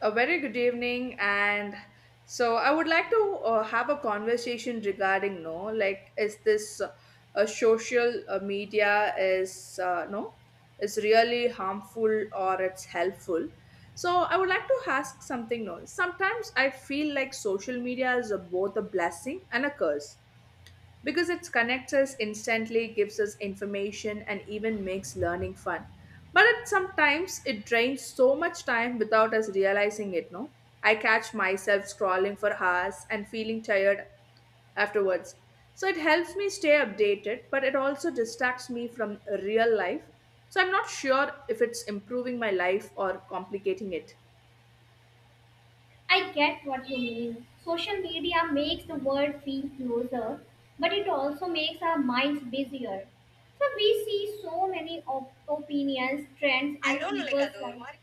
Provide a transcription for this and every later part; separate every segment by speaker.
Speaker 1: A very good evening, and so I would like to have a conversation regarding no, like is this a social media is no, is really harmful or it's helpful? So I would like to ask something. No, sometimes I feel like social media is a, both a blessing and a curse because it connects us instantly, gives us information, and even makes learning fun. But it sometimes it drains so much time without us realizing it. No, I catch myself scrolling for hours and feeling tired afterwards. So it helps me stay updated, but it also distracts me from real life. So I'm not sure if it's improving my life or complicating it.
Speaker 2: I get what you mean. Social media makes the world feel closer, but it also makes our minds busier. So we see so many opinions, trends,
Speaker 1: I
Speaker 2: and
Speaker 1: don't know, like
Speaker 2: people's
Speaker 1: அது ஒரு
Speaker 2: lives.
Speaker 1: மாதிரி.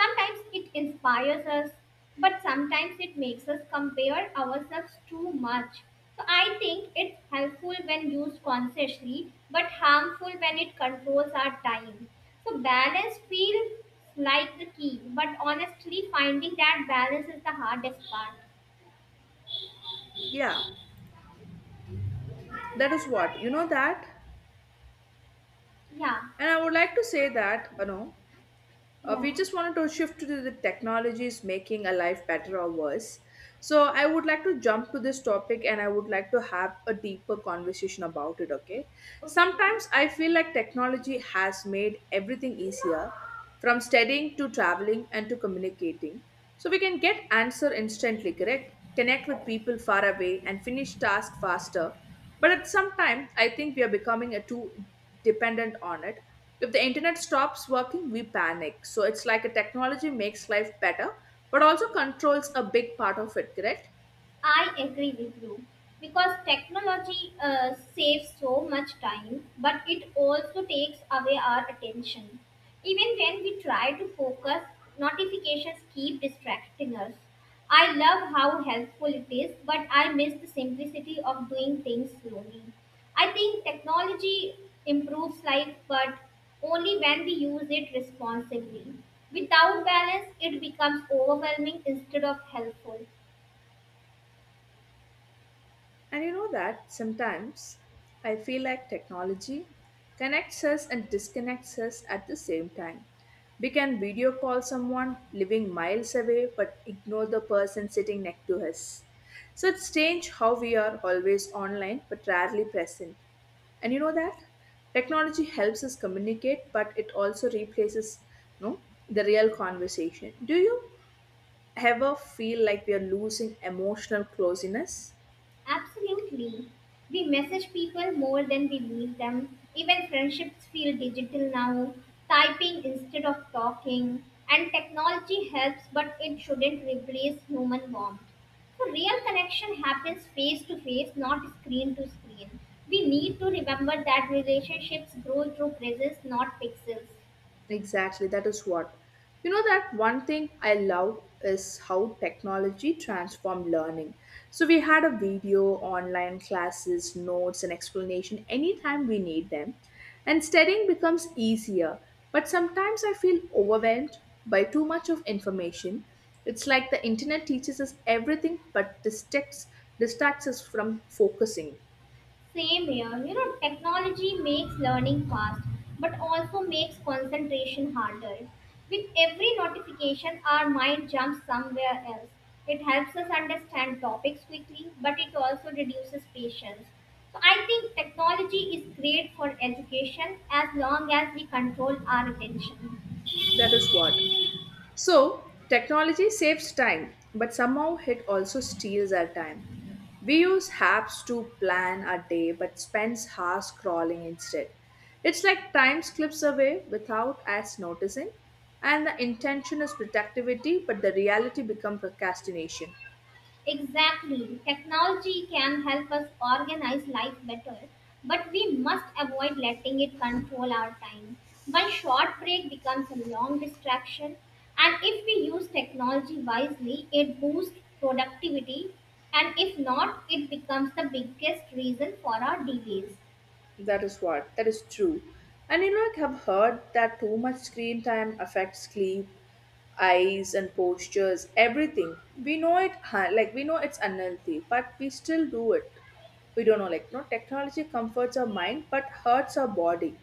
Speaker 2: Sometimes it inspires us, but sometimes it makes us compare ourselves too much. So I think it's helpful when used consciously, but harmful when it controls our time. So balance feels like the key, but honestly, finding that balance is the hardest part.
Speaker 1: Yeah, that is what you know that,
Speaker 2: Yeah,
Speaker 1: and I would like to say that you know we
Speaker 2: yeah,
Speaker 1: just wanted to shift to the technologies making a life better or worse. So I would like to jump to this topic and I would like to have a deeper conversation about it, okay?
Speaker 2: okay.
Speaker 1: Sometimes I feel like technology has made everything easier from studying to traveling and to communicating. So we can get answer instantly, correct? Connect with people far away and finish task faster. But at some time, I think we are becoming a too dependent on it. If the internet stops working, we panic. So it's like a technology makes life better, but also controls a big part of it, correct?
Speaker 2: I agree with you because technology saves so much time, but it also takes away our attention. Even when we try to focus, notifications keep distracting us. I love how helpful it is, but I miss the simplicity of doing things slowly. I think technology improves life, but only when we use it responsibly. Without balance, it becomes overwhelming instead of helpful.
Speaker 1: And you know that sometimes I feel like technology connects us and disconnects us at the same time. We can video call someone living miles away but ignore the person sitting next to us. So it's strange how we are always online but rarely present. And you know that technology helps us communicate but it also replaces no the real conversation. Do you ever feel like we are losing emotional closeness?
Speaker 2: Absolutely. We message people more than we meet them. Even friendships feel digital now, typing instead of talking. And technology helps, but it shouldn't replace human warmth. So, real connection happens face to face, not screen to screen. We need to remember that relationships grow through presence, not pixels.
Speaker 1: Exactly, that is what. You know that one thing I love is how technology transformed learning. So we had a video, online classes, notes and explanation anytime we need them. And studying becomes easier, but sometimes I feel overwhelmed by too much of information. It's like the internet teaches us everything but distracts us from focusing.
Speaker 2: Same here. You know, technology makes learning fast, but also makes concentration harder. With every notification, our mind jumps somewhere else. It helps us understand topics quickly, but it also reduces patience. So I think technology is great for education as long as we control our attention.
Speaker 1: That is what. So, technology saves time, but somehow it also steals our time. We use apps to plan our day, but spends hours crawling instead. It's like time slips away without us noticing, and the intention is productivity, but the reality becomes procrastination.
Speaker 2: Exactly. Technology can help us organize life better, but we must avoid letting it control our time. One short break becomes a long distraction, and if we use technology wisely, it boosts productivity, and if not, it becomes the biggest reason for our delays.
Speaker 1: That is what. That is true. And you know, I have heard that too much screen time affects sleep, eyes, and postures, everything. We know it, like, we know it's unhealthy, but we still do it. We don't know, like, no, technology comforts our mind but hurts our body.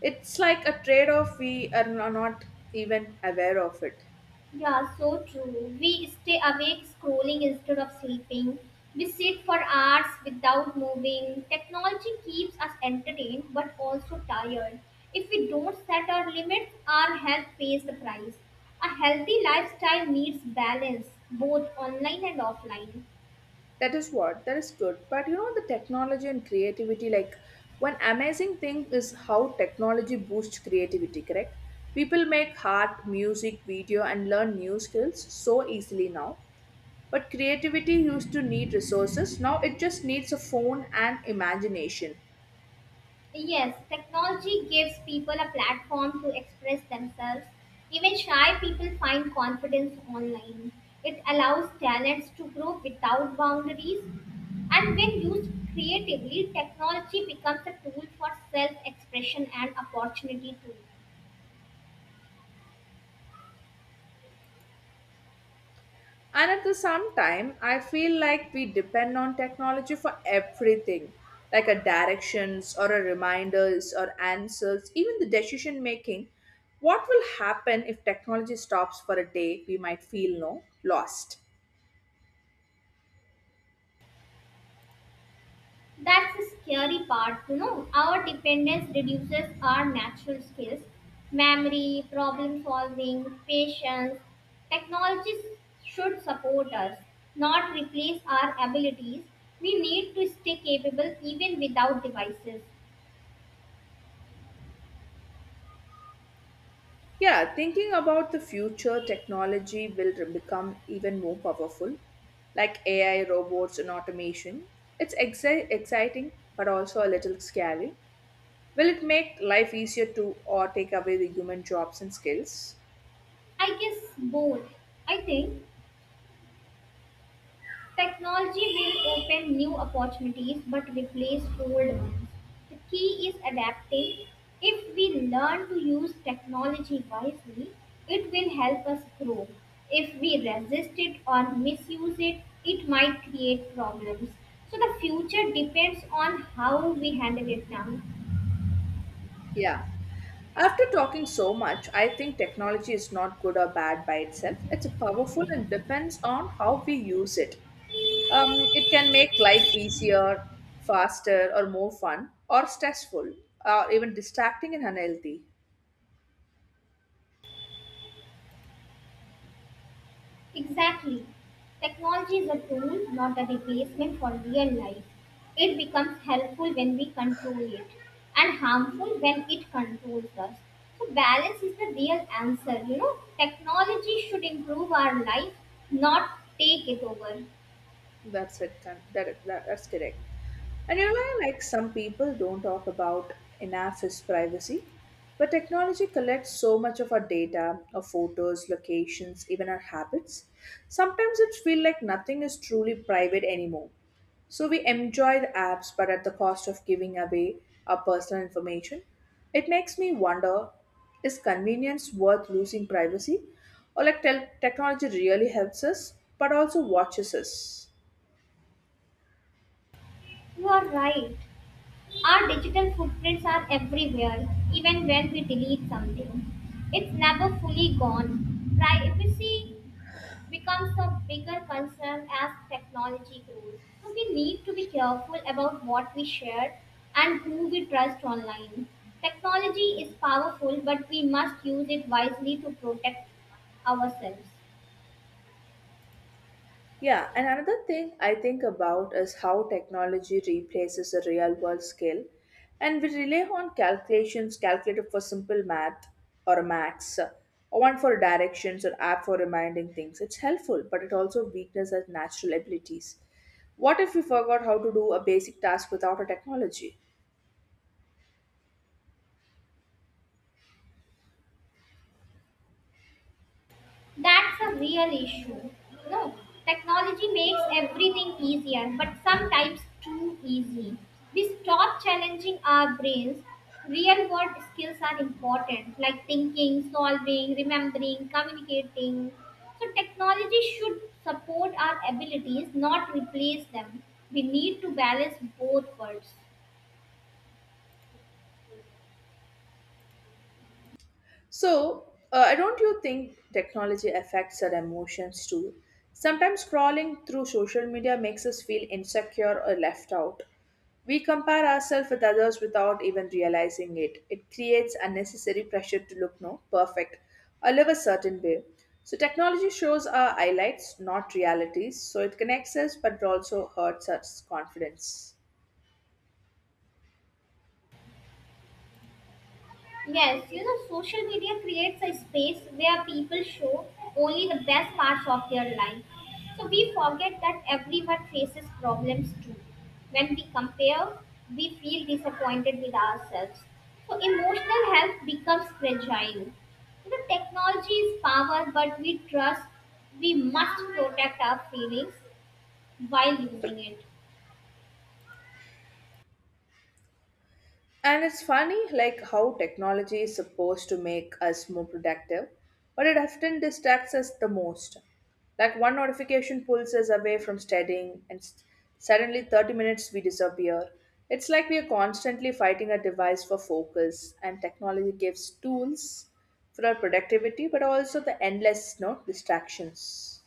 Speaker 1: It's like a trade off we are not even aware of it.
Speaker 2: Yeah, so true. We stay awake scrolling instead of sleeping. We sit for hours without moving. Technology keeps us entertained but also tired. If we don't set our limits, our health pays the price. A healthy lifestyle needs balance, both online and offline.
Speaker 1: That is what, that is good. But you know, the technology and creativity, like one amazing thing is how technology boosts creativity, correct? People make art, music, video, and learn new skills so easily now. But creativity used to need resources. Now it just needs a phone and imagination.
Speaker 2: Yes, technology gives people a platform to express themselves. Even shy people find confidence online. It allows talents to grow without boundaries. And when used creatively, technology becomes a tool for self expression and opportunity too.
Speaker 1: And at the same time, I feel like we depend on technology for everything, like a directions or a reminders or answers, even the decision making. What will happen if technology stops for a day? We might feel no lost.
Speaker 2: That's the scary part, you know. Our dependence reduces our natural skills, memory, problem solving, patience. Technologies should support us, not replace our abilities. We need to stay capable even without devices.
Speaker 1: Yeah, thinking about the future, technology will become even more powerful, like AI, robots, and automation. It's exciting, but also a little scary. Will it make life easier to or take away the human jobs and skills?
Speaker 2: I guess both. I think. Technology will open new opportunities but replace old ones. The key is adapting. If we learn to use technology wisely, it will help us grow. If we resist it or misuse it, it might create problems. So the future depends on how we handle it now.
Speaker 1: Yeah. After talking so much, I think technology is not good or bad by itself. It's powerful and depends on how we use it. It can make life easier, faster, or more fun, or stressful, or even distracting and unhealthy.
Speaker 2: Exactly. Technology is a tool, not a replacement for real life. It becomes helpful when we control it and harmful when it controls us. So, balance is the real answer. You know, technology should improve our life, not take it over.
Speaker 1: That's it. That's correct. And you know, like some people don't talk about enough is privacy, but technology collects so much of our data, our photos, locations, even our habits. Sometimes it feels like nothing is truly private anymore. So we enjoy the apps, but at the cost of giving away our personal information. It makes me wonder, is convenience worth losing privacy? Or like technology really helps us, but also watches us?
Speaker 2: You are right. Our digital footprints are everywhere, even when we delete something. It's never fully gone. Privacy becomes a bigger concern as technology grows. So we need to be careful about what we share and who we trust online. Technology is powerful, but we must use it wisely to protect ourselves.
Speaker 1: Yeah, and another thing I think about is how technology replaces a real world skill, and we rely on calculations calculator for simple math or max, or one for directions or app for reminding things. It's helpful, but it also weakens our natural abilities. What if we forgot how to do a basic task without a technology?
Speaker 2: That's a real issue. No, technology makes everything easier, but sometimes too easy. We stop challenging our brains. Real world skills are important, like thinking, solving, remembering, communicating. So, technology should support our abilities, not replace them. We need to balance both worlds.
Speaker 1: So, don't you think technology affects our emotions too? Sometimes scrolling through social media makes us feel insecure or left out. We compare ourselves with others without even realizing it. It creates unnecessary pressure to look no perfect or live a certain way. So technology shows our highlights, not realities. So it connects us, but also hurts us confidence.
Speaker 2: Yes, you know, social media creates a space where people show only the best parts of their life. So we forget that everyone faces problems too. When we compare, we feel disappointed with ourselves. So emotional health becomes fragile. You know, technology is power, but we trust we must protect our feelings while using it.
Speaker 1: And it's funny like how technology is supposed to make us more productive, but it often distracts us the most. Like one notification pulls us away from studying and suddenly 30 minutes we disappear. It's like we are constantly fighting a device for focus and technology gives tools for our productivity but also the endless no distractions.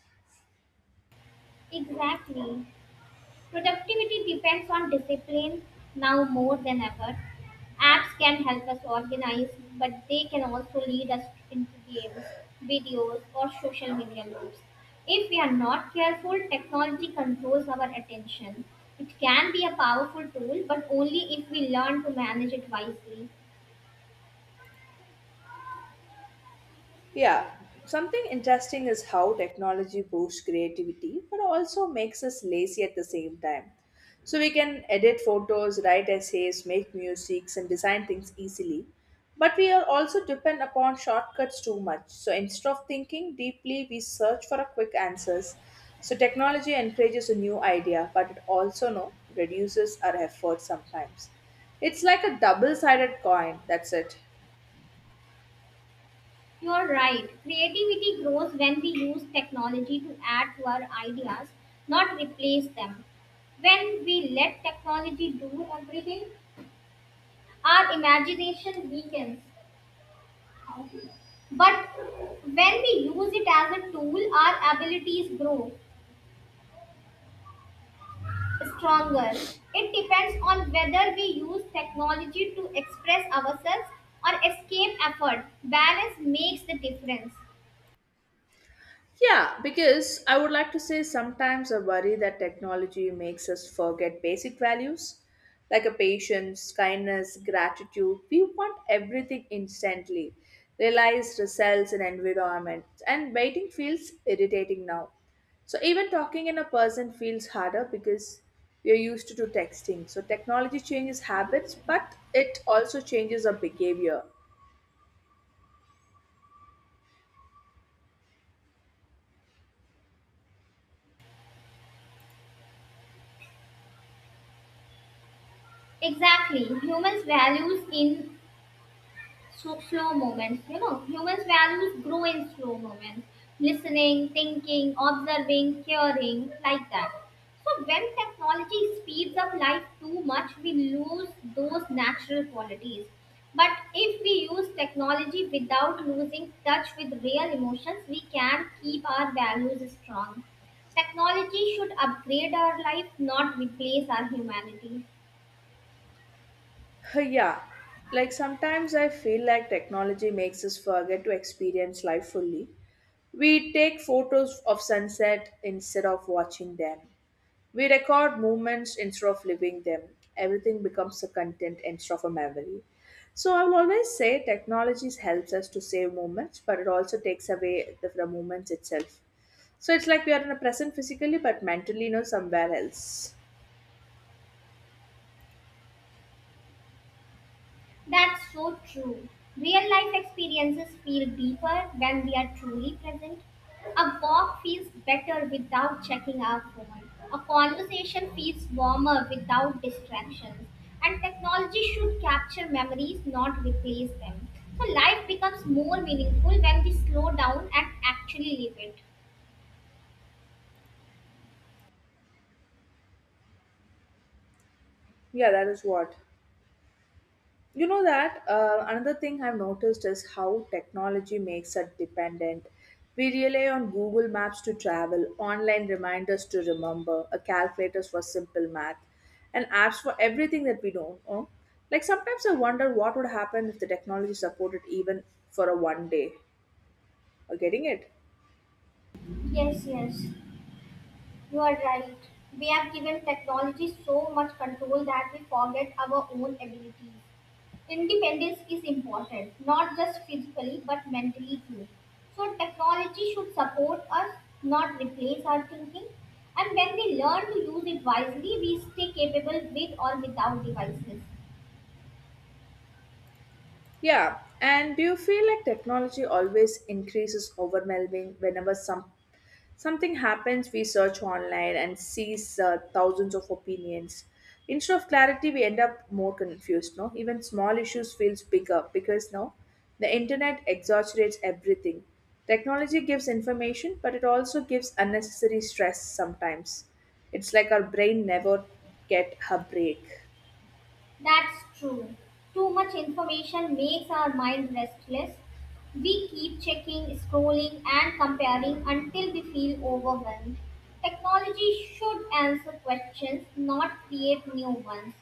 Speaker 2: Exactly. Productivity depends on discipline now more than ever. Apps can help us organize, but they can also lead us into games, videos, or social media loops. If we are not careful, technology controls our attention. It can be a powerful tool, but only if we learn to manage it wisely.
Speaker 1: Yeah, something interesting is how technology boosts creativity but also makes us lazy at the same time. So we can edit photos, write essays, make musics and design things easily. But we are also depend upon shortcuts too much. So instead of thinking deeply, we search for a quick answers. So technology encourages a new idea, but it also no reduces our effort sometimes. It's like a double-sided coin, that's it.
Speaker 2: You're right. Creativity grows when we use technology to add to our ideas, not replace them. When we let technology do everything, our imagination weakens. But when we use it as a tool, our abilities grow stronger. It depends on whether we use technology to express ourselves or escape effort. Balance makes the difference.
Speaker 1: Yeah, because I would like to say sometimes I worry that technology makes us forget basic values like a patience, kindness, gratitude. We want everything instantly, realized results and environment, and waiting feels irritating now. So even talking in a person feels harder because we are used to do texting. So technology changes habits, but it also changes our behavior.
Speaker 2: Exactly. Humans values in So slow moments, you know, humans' values grow in slow moments. Listening, thinking, observing, caring, like that. So when technology speeds up life too much, we lose those natural qualities. But if we use technology without losing touch with real emotions, we can keep our values strong. Technology should upgrade our life, not replace our humanity.
Speaker 1: Yeah, like sometimes I feel like technology makes us forget to experience life fully. We take photos of sunset instead of watching them. We record moments instead of living them. Everything becomes a content instead of a memory. So I will always say technology helps us to save moments, but it also takes away the moments itself. So it's like we are in a present physically, but mentally, you know, somewhere else.
Speaker 2: That's so true. Real life experiences feel deeper when we are truly present. A walk feels better without checking our phone. A conversation feels warmer without distractions. And technology should capture memories, not replace them. So life becomes more meaningful when we slow down and actually live it.
Speaker 1: Yeah, that is what. You know that another thing I've noticed is how technology makes us dependent. We rely on Google Maps to travel, online reminders to remember, a calculators for simple math, and apps for everything that we don't know. Like sometimes I wonder what would happen if the technology supported even for a one day. Are getting it?
Speaker 2: Yes, yes, you are right. We have given technology so much control that we forget our own abilities. Independence is important, not just physically but mentally too. So, technology should support us, not replace our thinking. And when we learn to use it wisely, we stay capable with or without devices.
Speaker 1: Yeah. And do you feel like technology always increases overwhelming whenever some Something happens, we search online and sees thousands of opinions. Instead of clarity, we end up more confused. No, even small issues feels bigger because now the internet exaggerates everything. Technology gives information, but it also gives unnecessary stress sometimes. It's like our brain never get a break.
Speaker 2: That's true. Too much information makes our mind restless. We keep checking, scrolling, and comparing until we feel overwhelmed. Technology should answer questions, not create new ones.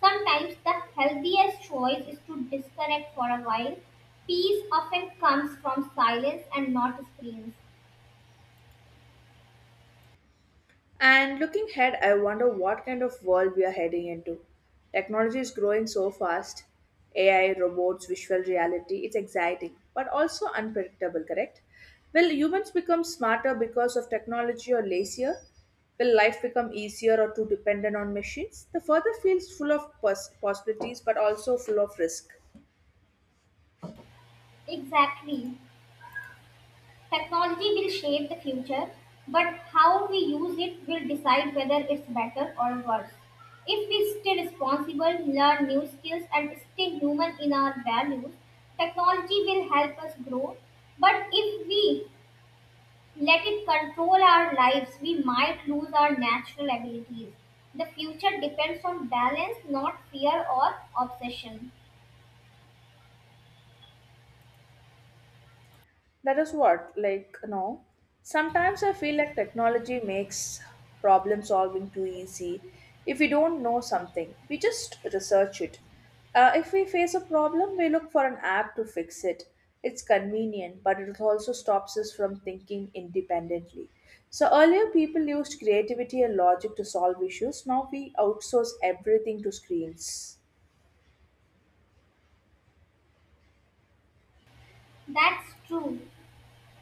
Speaker 2: Sometimes the healthiest choice is to disconnect for a while. Peace often comes from silence and not screens.
Speaker 1: And looking ahead, I wonder what kind of world we are heading into. Technology is growing so fast AI, robots, visual reality. It's exciting, but also unpredictable, correct? Will humans become smarter because of technology or lazier? Will life become easier or too dependent on machines? The further feels full of possibilities, but also full of risk.
Speaker 2: Exactly. Technology will shape the future, but how we use it will decide whether it's better or worse. If we stay responsible, learn new skills, and stay human in our values, technology will help us grow. But if we let it control our lives, we might lose our natural abilities. The future depends on balance, not fear or obsession.
Speaker 1: That is what, like, you know, sometimes I feel like technology makes problem solving too easy. If we don't know something, we just research it. If we face a problem, we look for an app to fix it. It's convenient, but it also stops us from thinking independently. So earlier, people used creativity and logic to solve issues. Now we outsource everything to screens.
Speaker 2: That's true.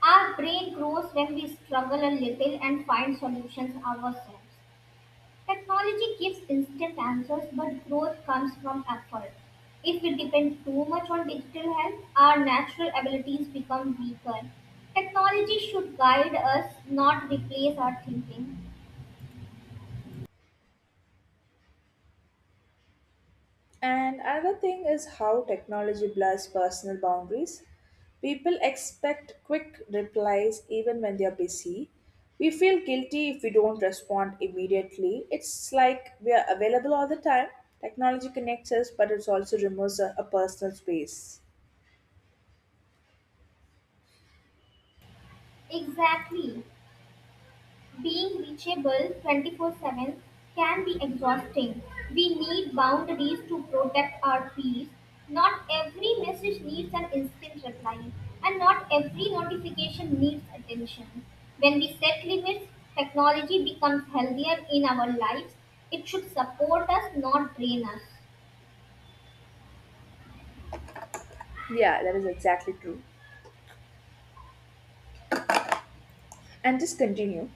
Speaker 2: Our brain grows when we struggle a little and find solutions ourselves. Technology gives instant answers, but growth comes from effort. If we depend too much on digital help, our natural abilities become weaker. Technology should guide us, not replace our thinking.
Speaker 1: And another thing is how technology blurs personal boundaries. People expect quick replies even when they are busy. We feel guilty if we don't respond immediately. It's like we are available all the time. Technology connects us, but it also removes a personal space.
Speaker 2: Exactly. Being reachable 24/7 can be exhausting. We need boundaries to protect our peace. Not every message needs an instant reply, and not every notification needs attention. When we set limits, technology becomes healthier in our lives. It should support us, not drain us.
Speaker 1: Yeah, that is exactly true. And just continue.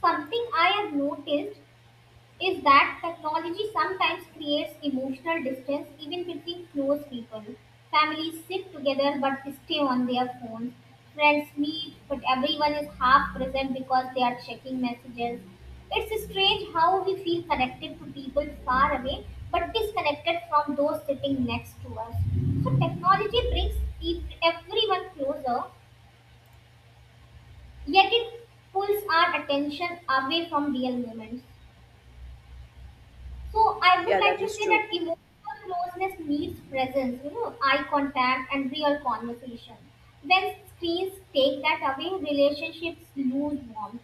Speaker 2: Something I have noticed is that technology sometimes creates emotional distance even between close people. Families sit together but stay on their phones. Friends meet but everyone is half present because they are checking messages. It's strange how we feel connected to people far away but disconnected from those sitting next to us. So technology brings everyone closer, yet it pulls our attention away from real moments. So I would
Speaker 1: Yeah,
Speaker 2: like
Speaker 1: that
Speaker 2: to
Speaker 1: is
Speaker 2: say that
Speaker 1: true.
Speaker 2: emotional closeness needs presence, you know, eye contact and real conversation. When screens take that away, relationships lose warmth.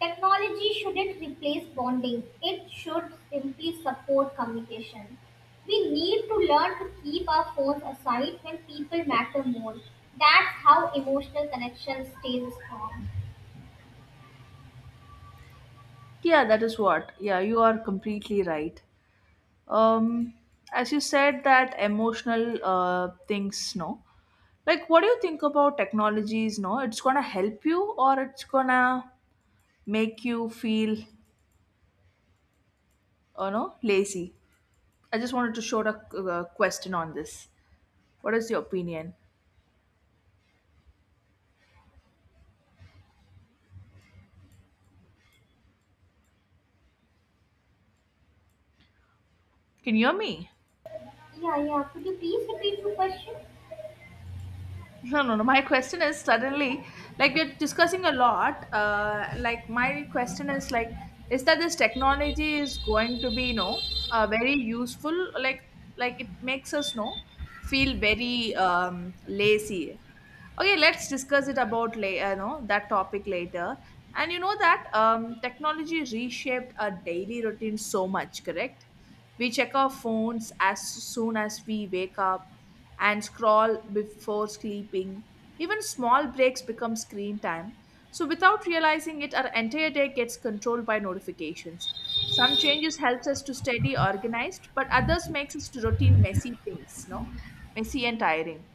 Speaker 2: Technology shouldn't replace bonding. It should simply support communication. We need to learn to keep our phones aside when people matter more. That's how emotional connection stays strong.
Speaker 1: Yeah, that is what. Yeah, you are completely right. Um, as you said, that emotional things, no. Like what do you think about technologies no it's gonna help you or it's gonna make you feel you know lazy? I just wanted to show a question on this. What is your opinion? Can you hear me?
Speaker 2: Yeah, yeah. Could you please repeat your question?
Speaker 1: No, no, no. My question is suddenly, like we're discussing a lot. Like my question is like, is that this technology is going to be, you know, very useful? Like it makes us, know, feel very lazy. Okay, let's discuss it about later, know, that topic later. And you know that technology reshaped our daily routine so much, correct? We check our phones as soon as we wake up and scroll before sleeping. Even small breaks become screen time. So without realizing it, our entire day gets controlled by notifications. Some changes helps us to steady, organized, but others makes us to routine messy things, no? Messy and tiring.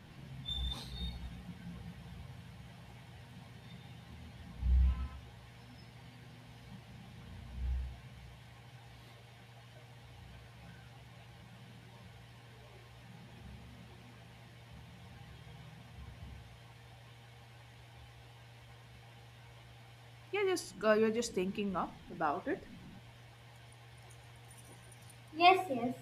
Speaker 1: Yeah, just you're just thinking of about it.
Speaker 2: Yes, yes.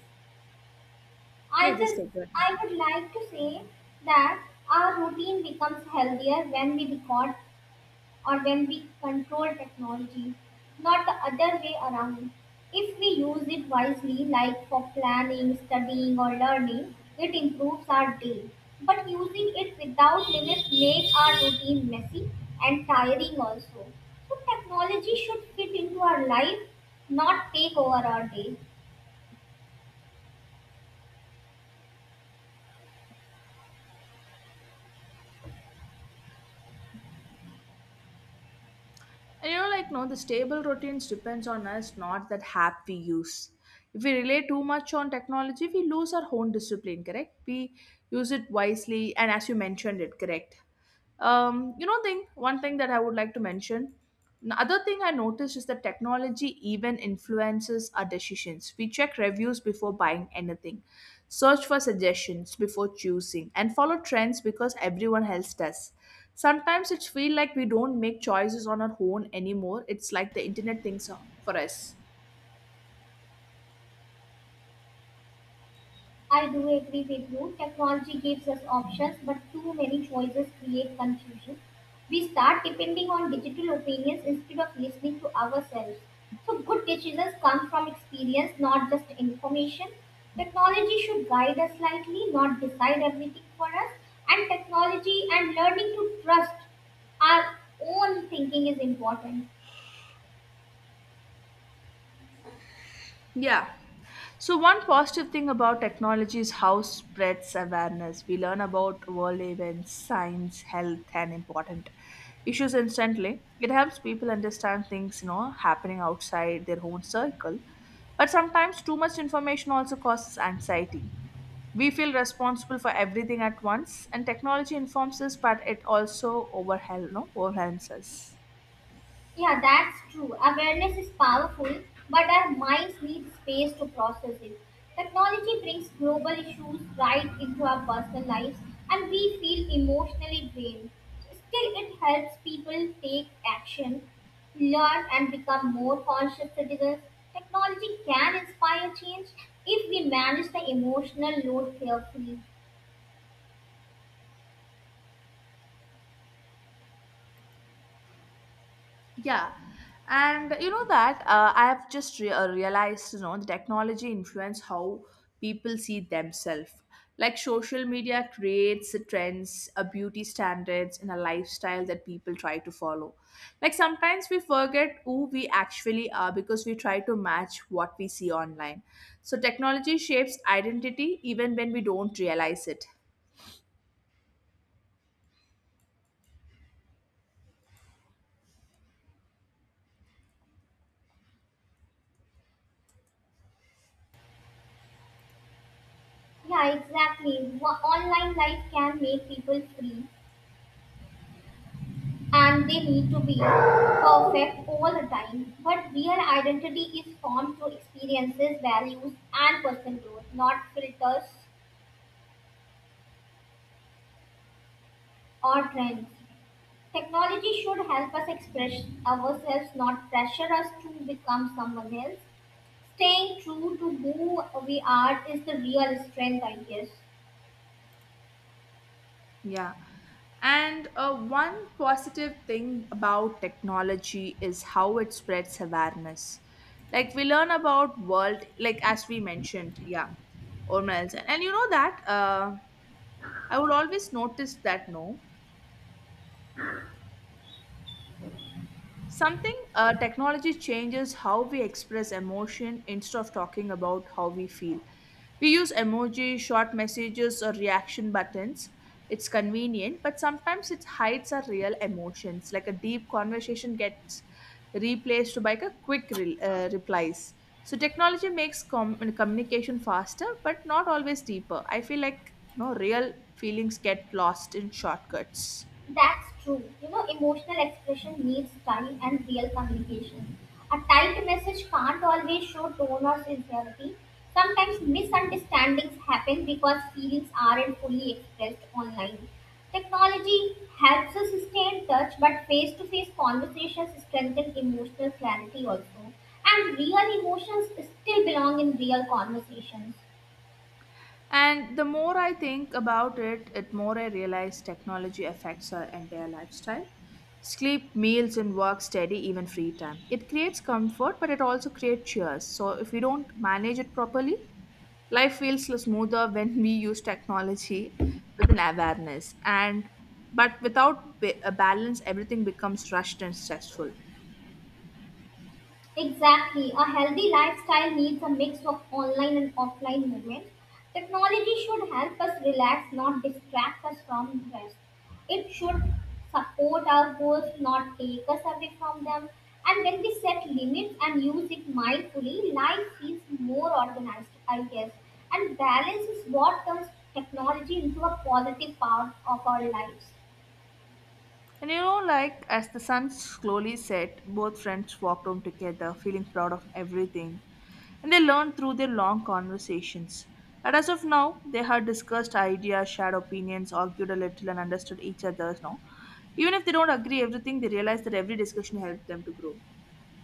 Speaker 1: Yeah,
Speaker 2: I
Speaker 1: just
Speaker 2: just
Speaker 1: take your.
Speaker 2: I would like to say that our routine becomes healthier when we record or when we control technology, not the other way around. If we use it wisely, like for planning, studying, or learning, it improves our day. But using it without limits makes our routine messy and tiring also. So technology should fit into our life, not take over our day.
Speaker 1: And you know, like, no, the stable routines depends on us, not that app we use. If we rely too much on technology, we lose our own discipline, correct? We use it wisely, and as you mentioned it, correct. You know, thing one thing that I would like to mention. Another thing I noticed is that technology even influences our decisions. We check reviews before buying anything. Search for suggestions before choosing and follow trends because everyone else does. Sometimes it feels like we don't make choices on our own anymore. It's like the internet thinks for us.
Speaker 2: I do agree with you. Technology gives us options, but too many choices create confusion. We start depending on digital opinions instead of listening to ourselves. So, good decisions come from experience, not just information. Technology should guide us slightly, not decide everything for us. And technology and learning to trust our own thinking is important.
Speaker 1: Yeah. So one positive thing about technology is how it spreads awareness. We learn about world events, science, health, and important issues instantly. It helps people understand things, you know, happening outside their own circle. But sometimes too much information also causes anxiety. We feel responsible for everything at once, and technology informs us, but it also overwhelm, no, overwhelms us.
Speaker 2: Yeah, that's true. Awareness is powerful, but our minds need space to process it. Technology brings global issues right into our personal lives, and we feel emotionally drained. Still, it helps people take action, learn, and become more conscious citizens. Technology can inspire change if we manage the emotional load carefully.
Speaker 1: Yeah. And you know that I have just realized, you know, the technology influence how people see themselves. Like social media creates the trends, a beauty standards, and a lifestyle that people try to follow. Like sometimes we forget who we actually are because we try to match what we see online. So technology shapes identity even when we don't realize it.
Speaker 2: Yeah, exactly. Online life can make people free, and they need to be perfect all the time. But real identity is formed through experiences, values, and personal growth, not filters or trends. Technology should help us express ourselves, not pressure us to become someone else. Staying true to who we are is the real strength, I guess.
Speaker 1: Yeah. And one positive thing about technology is how it spreads awareness. Like we learn about world, like as we mentioned, yeah, or else. And you know that I would always notice that no. Something Technology changes how we express emotion instead of talking about how we feel. We use emoji, short messages, or reaction buttons. It's convenient, but sometimes it hides our real emotions. Like a deep conversation gets replaced by a quick replies. So technology makes communication faster, but not always deeper. I feel like no real feelings get lost in shortcuts.
Speaker 2: That's true. You know, emotional expression needs time and real communication. A typed message can't always show tone or sincerity. Sometimes misunderstandings happen because feelings aren't fully expressed online. Technology helps us stay in touch, but face to face conversations strengthen emotional clarity also. And real emotions still belong in real conversations.
Speaker 1: And the more I think about it, it more I realize technology affects our entire lifestyle. Sleep, meals, and work steady, even free time. It creates comfort, but it also creates chairs. So if we don't manage it properly, life feels smoother when we use technology with an awareness. And but without a balance, everything becomes rushed and stressful.
Speaker 2: Exactly. A healthy lifestyle needs a mix of online and offline movement. Technology should help us relax, not distract us from rest. It should support our goals, not take us away from them. And when we set limits and use it mindfully, life feels more organized, I guess. And balance is what turns technology into a positive part of our lives.
Speaker 1: And you know, like as the sun slowly set, both friends walked home together, feeling proud of everything. And they learned through their long conversations. And as of now, they had discussed ideas, shared opinions, argued a little, and understood each other's now. Even if they don't agree everything, they realize that every discussion helped them to grow.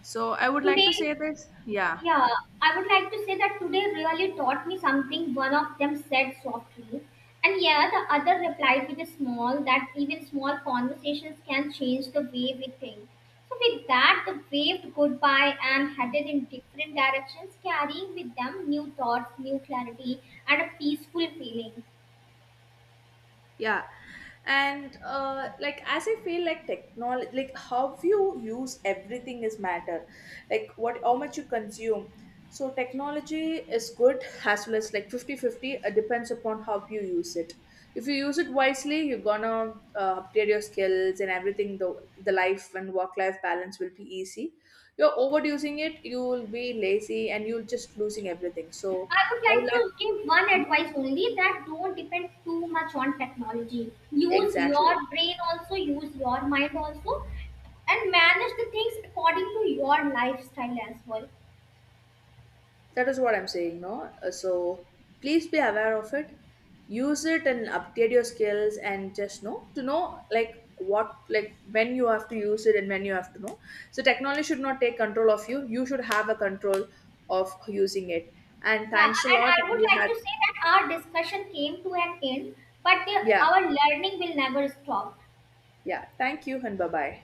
Speaker 1: So I would like to
Speaker 2: Today,
Speaker 1: say this, yeah.
Speaker 2: Yeah, I would like to say that today really taught me something, one of them said softly. And yeah, the other replied with a small that even small conversations can change the way we think. So with that, the waved goodbye and headed in different directions, carrying with them new thoughts, new clarity, and a peaceful feeling.
Speaker 1: Yeah. And like as I feel like technology, like how you use everything is matter, like what how much you consume. So technology is good as well as like 50/50. It depends upon how you use it. If you use it wisely, you're gonna update your skills and everything. The life and work life balance will be easy. You're overusing it, you will be lazy and you'll just losing everything. So
Speaker 2: I would
Speaker 1: I would
Speaker 2: like
Speaker 1: like
Speaker 2: to give one advice only that don't depend too much on technology. Use
Speaker 1: exactly.
Speaker 2: your brain also, use your mind also, and manage the things according to your lifestyle as well.
Speaker 1: That is what I'm saying, no? So please be aware of it. Use it and update your skills and just know to know like what like when you have to use it and when you have to know. So technology should not take control of you. You should have a control of using it. And
Speaker 2: Yeah,
Speaker 1: thanks a
Speaker 2: and
Speaker 1: lot.
Speaker 2: I would
Speaker 1: We
Speaker 2: like
Speaker 1: had,
Speaker 2: to say that our discussion came to an end, but
Speaker 1: yeah,
Speaker 2: our learning will never stop.
Speaker 1: yeah. Thank you and bye bye.